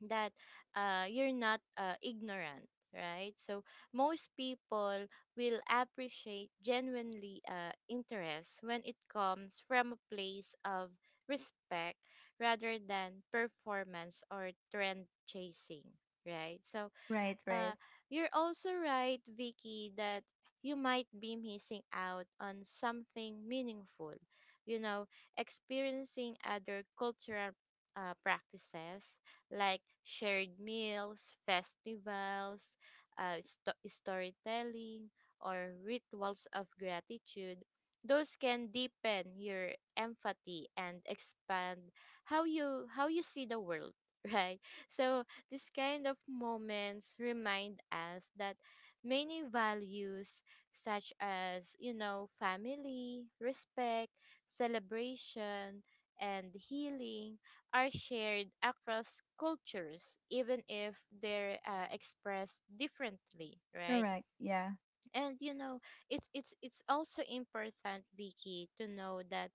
[SPEAKER 2] that you're not ignorant, right? So most people will appreciate genuinely interest when it comes from a place of respect rather than performance or trend chasing, right? So
[SPEAKER 1] Right. Right.
[SPEAKER 2] uh, you're also right, Vicky, that you might be missing out on something meaningful. You know, experiencing other cultural practices like shared meals, festivals, storytelling, or rituals of gratitude. Those can deepen your empathy and expand how you see the world, [LAUGHS] right? So these kind of moments remind us that many values, such as, you know, family, respect, celebration, and healing, are shared across cultures, even if they're expressed differently, right?
[SPEAKER 1] Correct. Yeah.
[SPEAKER 2] And you know it's also important, Vicky, to know that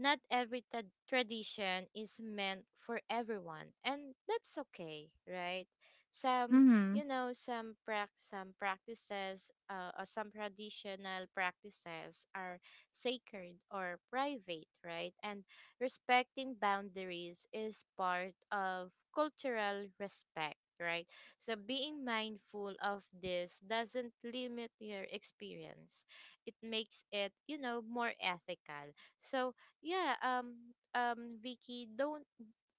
[SPEAKER 2] not every t- tradition is meant for everyone, and that's okay, right? Some
[SPEAKER 1] Mm-hmm.
[SPEAKER 2] you know some practices or some traditional practices are sacred or private, right? And respecting boundaries is part of cultural respect, right? So being mindful of this doesn't limit your experience. It makes it, you know, more ethical. So yeah, Vicky, don't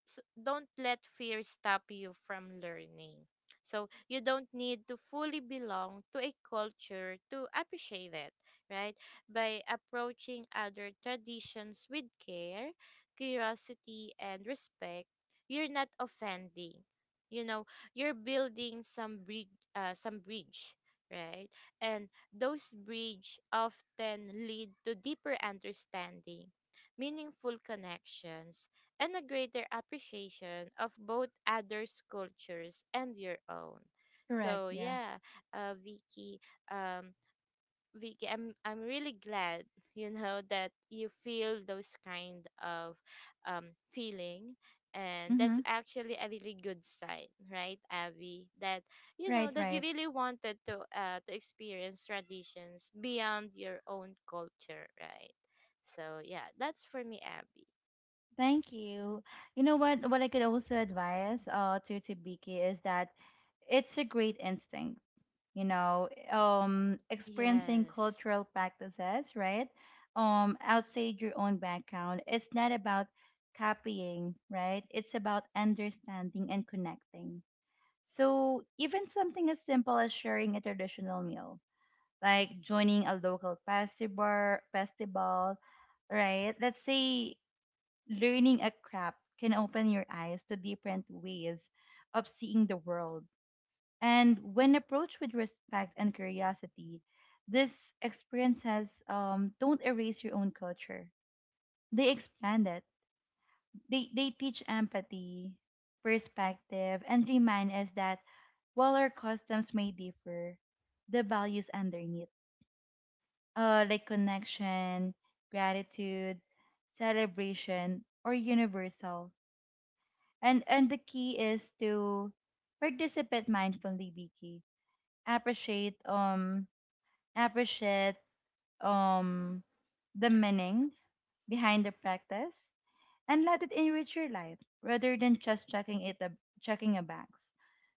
[SPEAKER 2] don't let fear stop you from learning. So you don't need to fully belong to a culture to appreciate it, right? By approaching other traditions with care, curiosity, and respect, you're not offending. You know, you're building some bridge, uh, some bridge, right? And those bridge often lead to deeper understanding, meaningful connections, and a greater appreciation of both others' cultures and your own.
[SPEAKER 1] Correct.
[SPEAKER 2] So
[SPEAKER 1] Yeah.
[SPEAKER 2] yeah, Vicky, um, Vicky, I'm really glad [LAUGHS] you know that you feel those kind of feeling, and
[SPEAKER 1] Mm-hmm.
[SPEAKER 2] that's actually a really good sign, right, Abby? That you know
[SPEAKER 1] Right.
[SPEAKER 2] that you
[SPEAKER 1] Right.
[SPEAKER 2] really wanted to experience traditions beyond your own culture, right? So yeah, that's for me, Abby.
[SPEAKER 1] Thank you. You know what? What I could also advise to Biki is that it's a great instinct. You know, experiencing
[SPEAKER 2] Yes.
[SPEAKER 1] cultural practices, right? Outside your own background. It's not about copying, right? It's about understanding and connecting. So even something as simple as sharing a traditional meal, like joining a local festival, right? Let's say learning a craft can open your eyes to different ways of seeing the world. And when approached with respect and curiosity, these experiences don't erase your own culture. They expand it. They teach empathy, perspective, and remind us that while our customs may differ, the values underneath, like connection, gratitude, celebration, or universal. And the key is to participate mindfully, Vicky. Appreciate appreciate um the meaning behind the practice and let it enrich your life rather than just checking a box.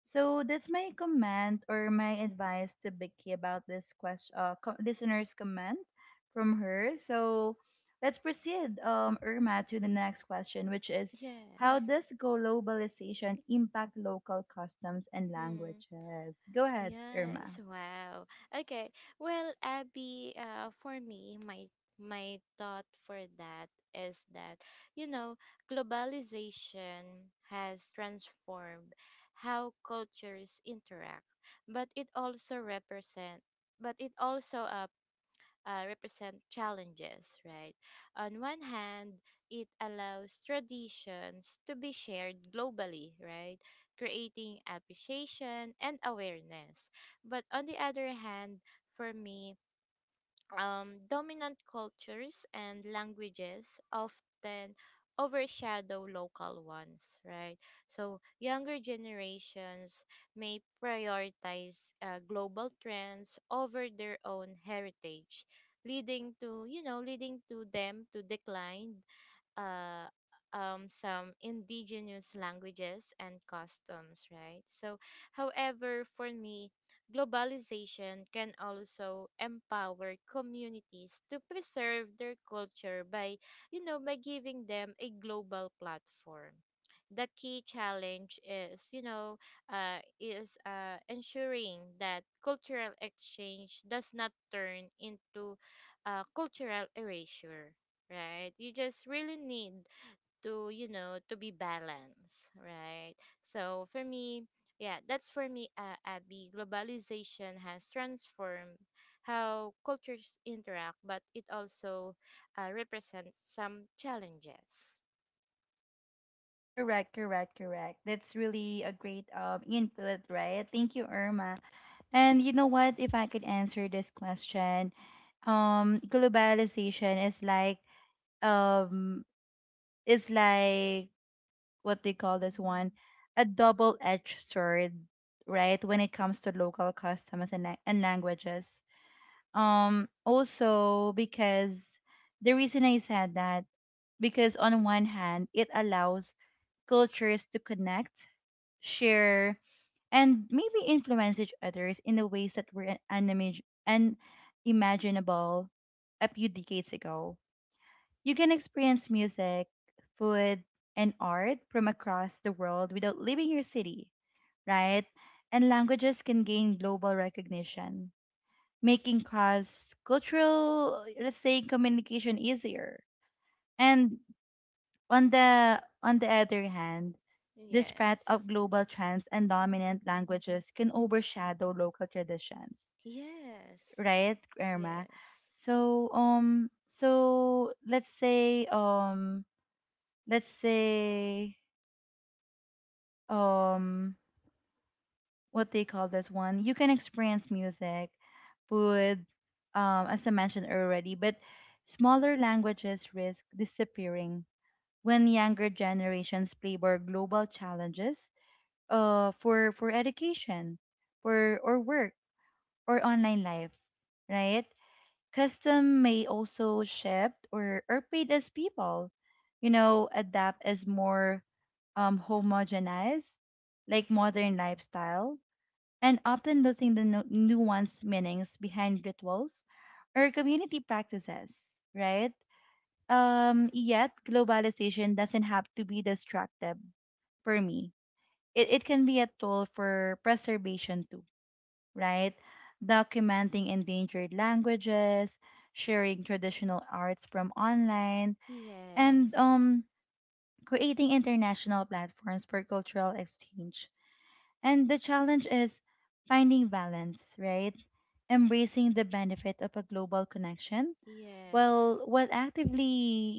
[SPEAKER 1] So that's my comment or my advice to Becky about this question, listener's comment from her. So let's proceed, Irma, to the next question, which is, how
[SPEAKER 2] Yes.
[SPEAKER 1] does globalization impact local customs and
[SPEAKER 2] Hmm.
[SPEAKER 1] languages? Go ahead, Irma.
[SPEAKER 2] Yes. Wow. Okay. Well, Abby, for me, my thought for that is that you know globalization has transformed how cultures interact, but but it also represent challenges, right? On one hand, it allows traditions to be shared globally, right? Creating appreciation and awareness. But on the other hand, for me, dominant cultures and languages often overshadow local ones, right? So younger generations may prioritize global trends over their own heritage, leading to you know leading to them to decline uh, some indigenous languages and customs, right? So, however, for me, globalization can also empower communities to preserve their culture by, you know, by giving them a global platform. The key challenge is, you know, is ensuring that cultural exchange does not turn into cultural erasure, right? You just really need to, you know, to be balanced, right? So for me, yeah, that's for me, Abby. Globalization has transformed how cultures interact, but it also represents some challenges.
[SPEAKER 1] Correct. That's really a great input, right? Thank you, Irma. And you know what? If I could answer this question, globalization is like um is like what they call this one, a double-edged sword, right? When it comes to local customs and, and languages. Also because the reason I said that, because on one hand, it allows cultures to connect, share, and maybe influence each others in the ways that were unimaginable a few decades ago. You can experience music, food, and art from across the world without leaving your city, right? And languages can gain global recognition, making cross cultural, let's say, communication easier. And on the other hand, the spread of
[SPEAKER 2] Yes.
[SPEAKER 1] global trends and dominant languages can overshadow local traditions,
[SPEAKER 2] Yes.
[SPEAKER 1] right, Irma?
[SPEAKER 2] Yes.
[SPEAKER 1] So so let's say let's say um what they call this one. You can experience music with as I mentioned already, but smaller languages risk disappearing when younger generations play more global challenges for education, for or work or online life, right? Custom may also shift or paid, as people, you know, adapt as more homogenized, like modern lifestyle, and often losing the nuanced meanings behind rituals or community practices, right? Um, yet globalization doesn't have to be destructive. For me, it can be a tool for preservation too, right? Documenting endangered languages, sharing traditional arts from online, and
[SPEAKER 2] Yes.
[SPEAKER 1] creating international platforms for cultural exchange. And the challenge is finding balance, right? Embracing the benefit of a global connection
[SPEAKER 2] Yes.
[SPEAKER 1] while actively,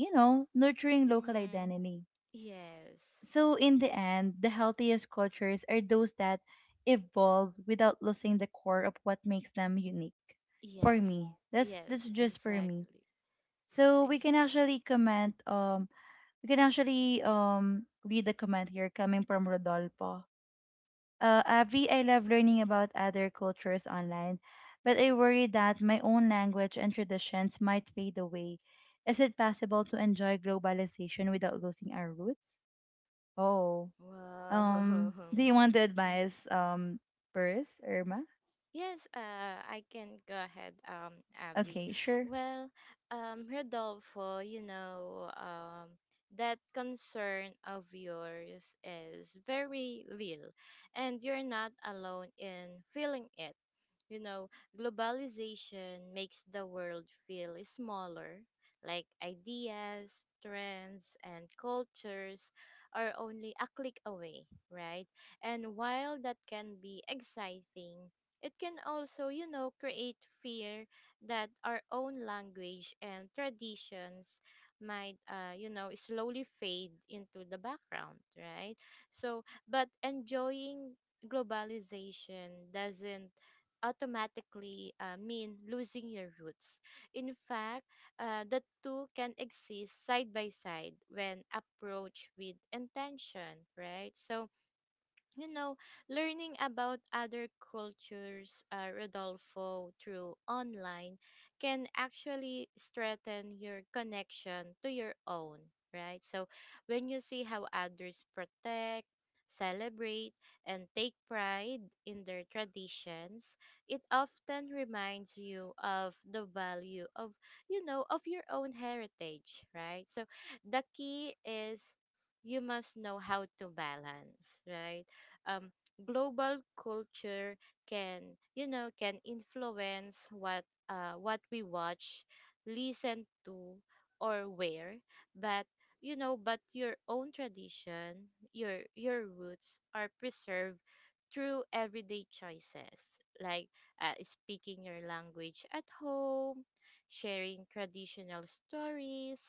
[SPEAKER 1] you know, nurturing local
[SPEAKER 2] Mm.
[SPEAKER 1] identity.
[SPEAKER 2] Yes.
[SPEAKER 1] So in the end, the healthiest cultures are those that evolve without losing the core of what makes them unique. For
[SPEAKER 2] Yes.
[SPEAKER 1] me, that's
[SPEAKER 2] Yes.
[SPEAKER 1] just for me.
[SPEAKER 2] Exactly.
[SPEAKER 1] So we
[SPEAKER 2] Ex-
[SPEAKER 1] can actually comment. We can actually read the comment here coming from Rodolfo. Avi, I love learning about other cultures online, but I worry that my own language and traditions might fade away. Is it possible to enjoy globalization without losing our roots? Oh,
[SPEAKER 2] Wow.
[SPEAKER 1] do
[SPEAKER 2] [LAUGHS]
[SPEAKER 1] you want to
[SPEAKER 2] Mhm.
[SPEAKER 1] advise, first, Irma?
[SPEAKER 2] Yes, I can go ahead, Abby.
[SPEAKER 1] Okay, sure.
[SPEAKER 2] Well, Rodolfo, you know, that concern of yours is very real, and you're not alone in feeling it. You know, globalization makes the world feel smaller, like ideas, trends, and cultures are only a click away, right? And while that can be exciting, it can also, you know, create fear that our own language and traditions might, you know, slowly fade into the background, right? So, but enjoying globalization doesn't automatically mean losing your roots. In fact, the two can exist side by side when approached with intention, right? So, you know, learning about other cultures, Rodolfo, through online can actually strengthen your connection to your own, right? So when you see how others protect, celebrate, and take pride in their traditions, it often reminds you of the value of, you know, of your own heritage, right? So the key is you must know how to balance, right? um, Global culture can you know can influence what we watch, listen to, or wear, but you know but your own tradition, your roots are preserved through everyday choices like speaking your language at home, sharing traditional stories,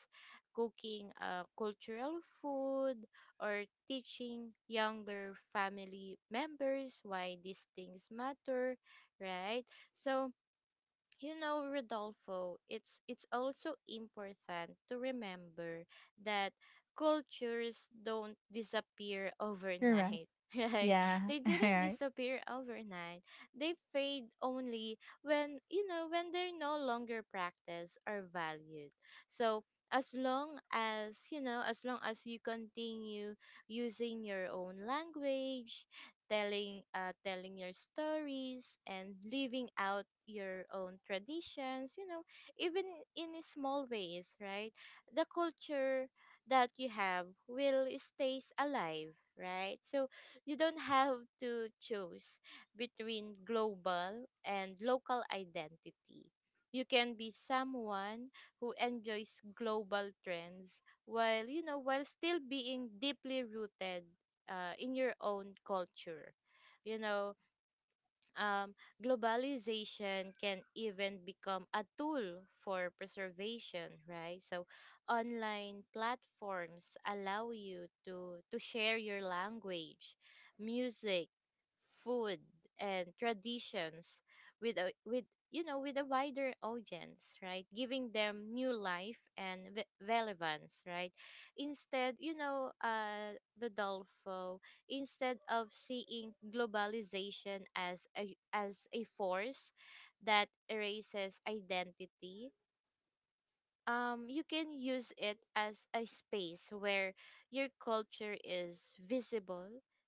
[SPEAKER 2] cooking cultural food, or teaching younger family members why these things matter, right? So, you know, Rodolfo, it's also important to remember that cultures don't disappear
[SPEAKER 1] Correct.
[SPEAKER 2] overnight, [LAUGHS] right?
[SPEAKER 1] Yeah.
[SPEAKER 2] They
[SPEAKER 1] [LAUGHS] All
[SPEAKER 2] didn't
[SPEAKER 1] right.
[SPEAKER 2] disappear overnight. They fade only when, you know, when they're no longer practiced or valued. So, as long as, you know, as long as you continue using your own language, telling telling your stories, and living out your own traditions, you know, even in small ways, right, the culture that you have will stays alive, right? So you don't have to choose between global and local identity. You can be someone who enjoys global trends while you know while still being deeply rooted in your own culture, you know. um, Globalization can even become a tool for preservation, right? So online platforms allow you to share your language, music, food, and traditions with a with you know with a wider audience, right, giving them new life and relevance, right? Instead, you know, the Dolfo, instead of seeing globalization as as a force that erases identity, you can use it as a space where your culture is visible,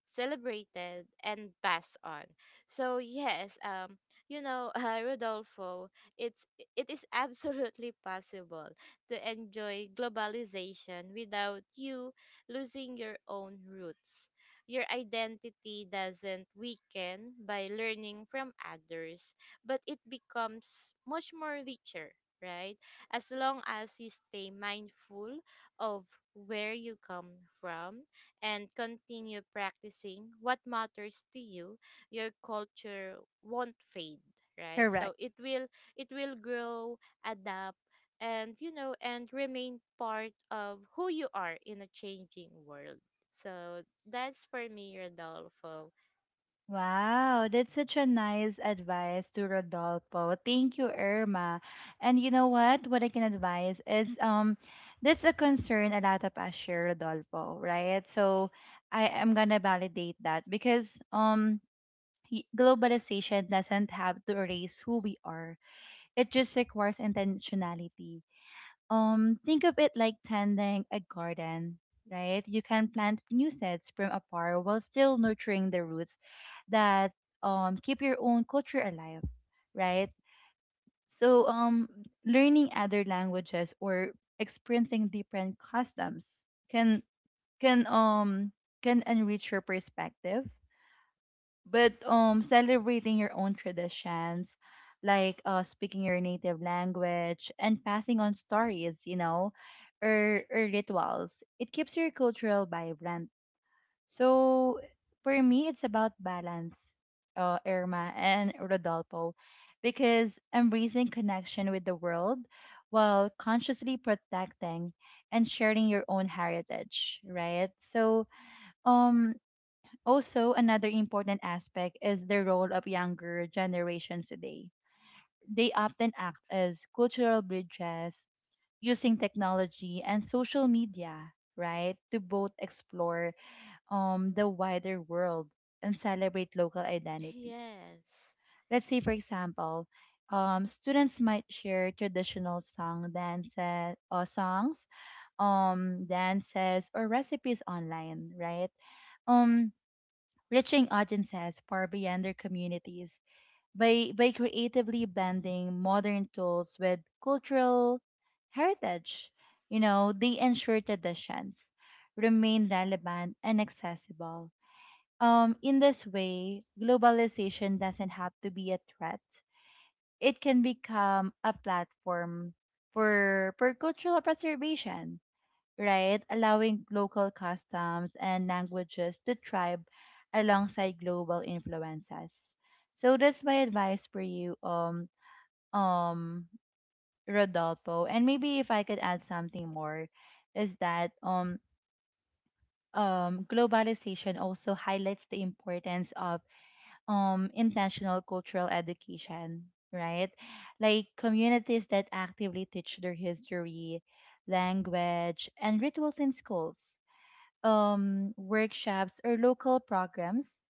[SPEAKER 2] celebrated, and passed on. So yes, you know [LAUGHS] Rodolfo, it's it is absolutely possible to enjoy globalization without you losing your own roots. Your identity doesn't weaken by learning from others, but it becomes much more richer, right? As long as you stay mindful of where you come from and continue practicing what matters to you, your culture won't fade, right?
[SPEAKER 1] Correct.
[SPEAKER 2] So it will grow, adapt, and you know and remain part of who you are in a changing world. So that's for me, Rodolfo.
[SPEAKER 1] Wow, that's such a nice advice to Rodolfo. Thank you, Irma. And you know what? What I can advise is, that's a concern a lot of us share, Rodolfo, right? So I am gonna validate that because globalization doesn't have to erase who we are. It just requires intentionality. Think of it like tending a garden, right? You can plant new seeds from afar while still nurturing the roots that keep your own culture alive, right? So learning other languages or experiencing different customs can can um enrich your perspective, but celebrating your own traditions, like speaking your native language and passing on stories, you know, or rituals, it keeps your cultural vibrant. So for me, it's about balance, uh, Irma and Rodolfo, because embracing connection with the world while consciously protecting and sharing your own heritage, right? So um also, another important aspect is the role of younger generations today. They often act as cultural bridges using technology and social media, right, to both explore the wider world and celebrate local
[SPEAKER 2] [LAUGHS]
[SPEAKER 1] identity.
[SPEAKER 2] Yes.
[SPEAKER 1] Let's say, for example, students might share traditional songs, dances or recipes online, right? Um, reaching audiences far beyond their communities by, creatively blending modern tools with cultural heritage. You know, they ensure traditions remain relevant and accessible. In this way, globalization doesn't have to be a threat. It can become a platform for, cultural preservation, right? Allowing local customs and languages to thrive alongside global influences. So that's my advice for you, um, Rodolfo. And maybe if I could add something more, is that globalization also highlights the importance of intentional cultural education, right? Like communities that actively teach their history, language, and rituals in schools, workshops or local programs,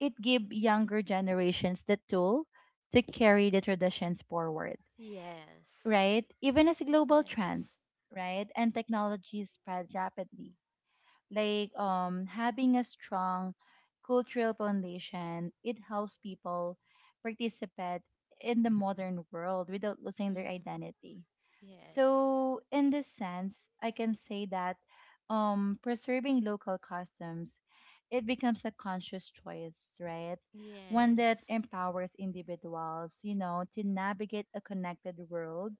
[SPEAKER 1] it give younger generations the tool to carry the traditions forward,
[SPEAKER 2] Yes.
[SPEAKER 1] right? Even as global trends,
[SPEAKER 2] Yes.
[SPEAKER 1] right, and technology spread rapidly. Like having a strong cultural foundation, it helps people participate in the modern world without losing their
[SPEAKER 2] Hmm.
[SPEAKER 1] identity.
[SPEAKER 2] Yes.
[SPEAKER 1] So, in this sense, I can say that preserving local customs, it becomes a conscious choice, right? One that
[SPEAKER 2] Yes.
[SPEAKER 1] empowers individuals, you know, to navigate a connected world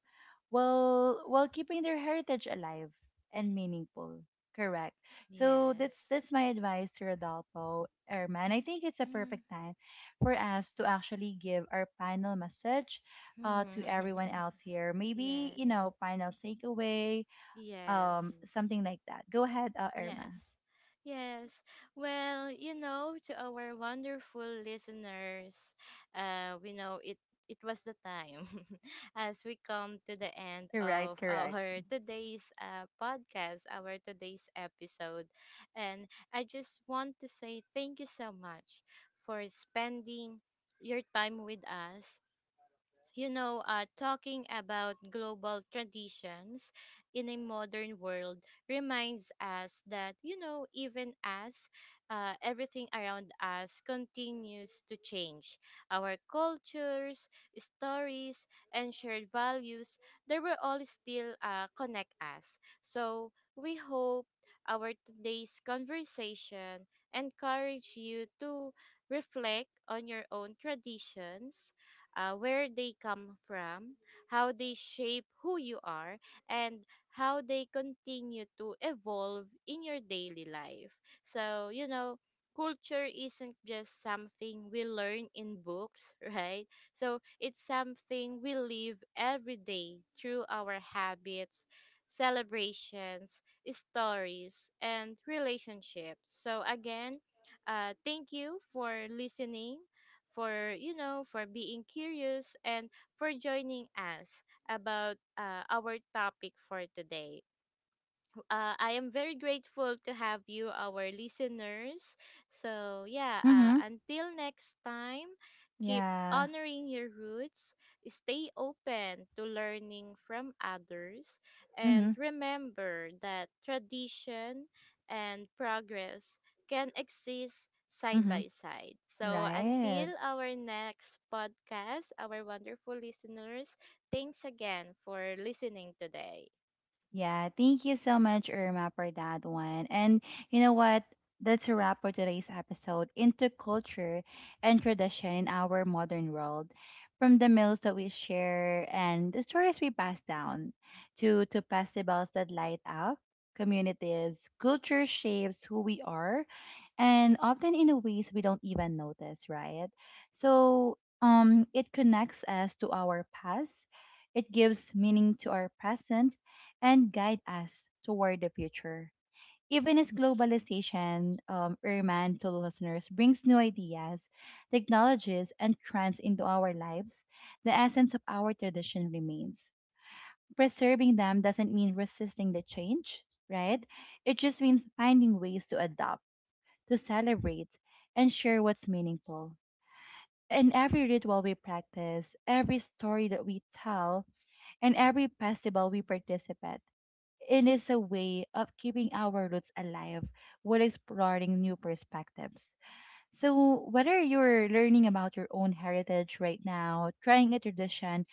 [SPEAKER 1] while keeping their heritage alive and meaningful. Correct. So that's
[SPEAKER 2] Yes.
[SPEAKER 1] my advice to Rodolfo Erman. I think it's a perfect
[SPEAKER 2] Hmm.
[SPEAKER 1] time for us to actually give our final message to everyone
[SPEAKER 2] [LAUGHS]
[SPEAKER 1] else here. Maybe,
[SPEAKER 2] Yes.
[SPEAKER 1] you know, final takeaway,
[SPEAKER 2] Yes.
[SPEAKER 1] something like that. Go ahead, Irma.
[SPEAKER 2] Yes. Yes. Well, you know, to our wonderful listeners, we know it it was the time [LAUGHS] as we come to the end
[SPEAKER 1] Correct,
[SPEAKER 2] of
[SPEAKER 1] correct.
[SPEAKER 2] our today's podcast, our today's episode. And I just want to say thank you so much for spending your time with us, you know, talking about global traditions in a modern world reminds us that, you know, even as everything around us continues to change, our cultures, stories, and shared values, they will all still connect us. So we hope our today's conversation encourage you to reflect on your own traditions, where they come from, how they shape who you are, and how they continue to evolve in your daily life. So, you know, culture isn't just something we learn in books, [LAUGHS] right? So, it's something we live every day through our habits, celebrations, stories, and relationships. So, again, thank you for listening, for you know for being curious, and for joining us about our topic for today. I am very grateful to have you, our listeners. So, yeah,
[SPEAKER 1] Mm-hmm.
[SPEAKER 2] until next time, keep
[SPEAKER 1] Yeah.
[SPEAKER 2] honoring your roots, stay open to learning from others,
[SPEAKER 1] Mm-hmm.
[SPEAKER 2] and remember that tradition and progress can exist side
[SPEAKER 1] Mm-hmm.
[SPEAKER 2] by side. So,
[SPEAKER 1] Right.
[SPEAKER 2] until our next podcast, our wonderful listeners, thanks again for listening today.
[SPEAKER 1] Yeah, thank you so much, Irma, for that one. And you know what? That's a wrap for today's episode into culture and tradition in our modern world. From the meals that we share and the stories we pass down to, festivals that light up communities, culture shapes who we are, and often in a ways we don't even notice, right? So it connects us to our past, it gives meaning to our present and guide us toward the future. Even as globalization, Irman, to listeners, brings new ideas, technologies, and trends into our lives, the essence of our tradition remains. Preserving them doesn't mean resisting the change, right? It just means finding ways to adapt, to celebrate, and share what's meaningful. In every ritual we practice, every story that we tell, and every festival we participate, it is a way of keeping our roots alive while exploring new perspectives. So, whether you're learning about your own heritage right now, trying a tradition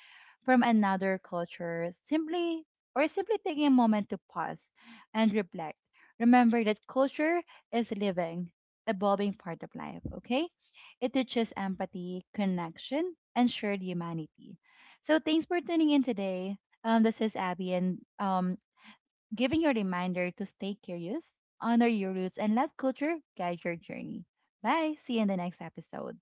[SPEAKER 1] from another culture, simply taking a moment to pause and reflect, remember that culture is a living, evolving part of life, okay? It teaches empathy, connection, and shared humanity. So, thanks for tuning in today. This is Abby, and um, giving you a reminder to stay curious, honor your roots, and let culture guide your journey. Bye. See you in the next episode.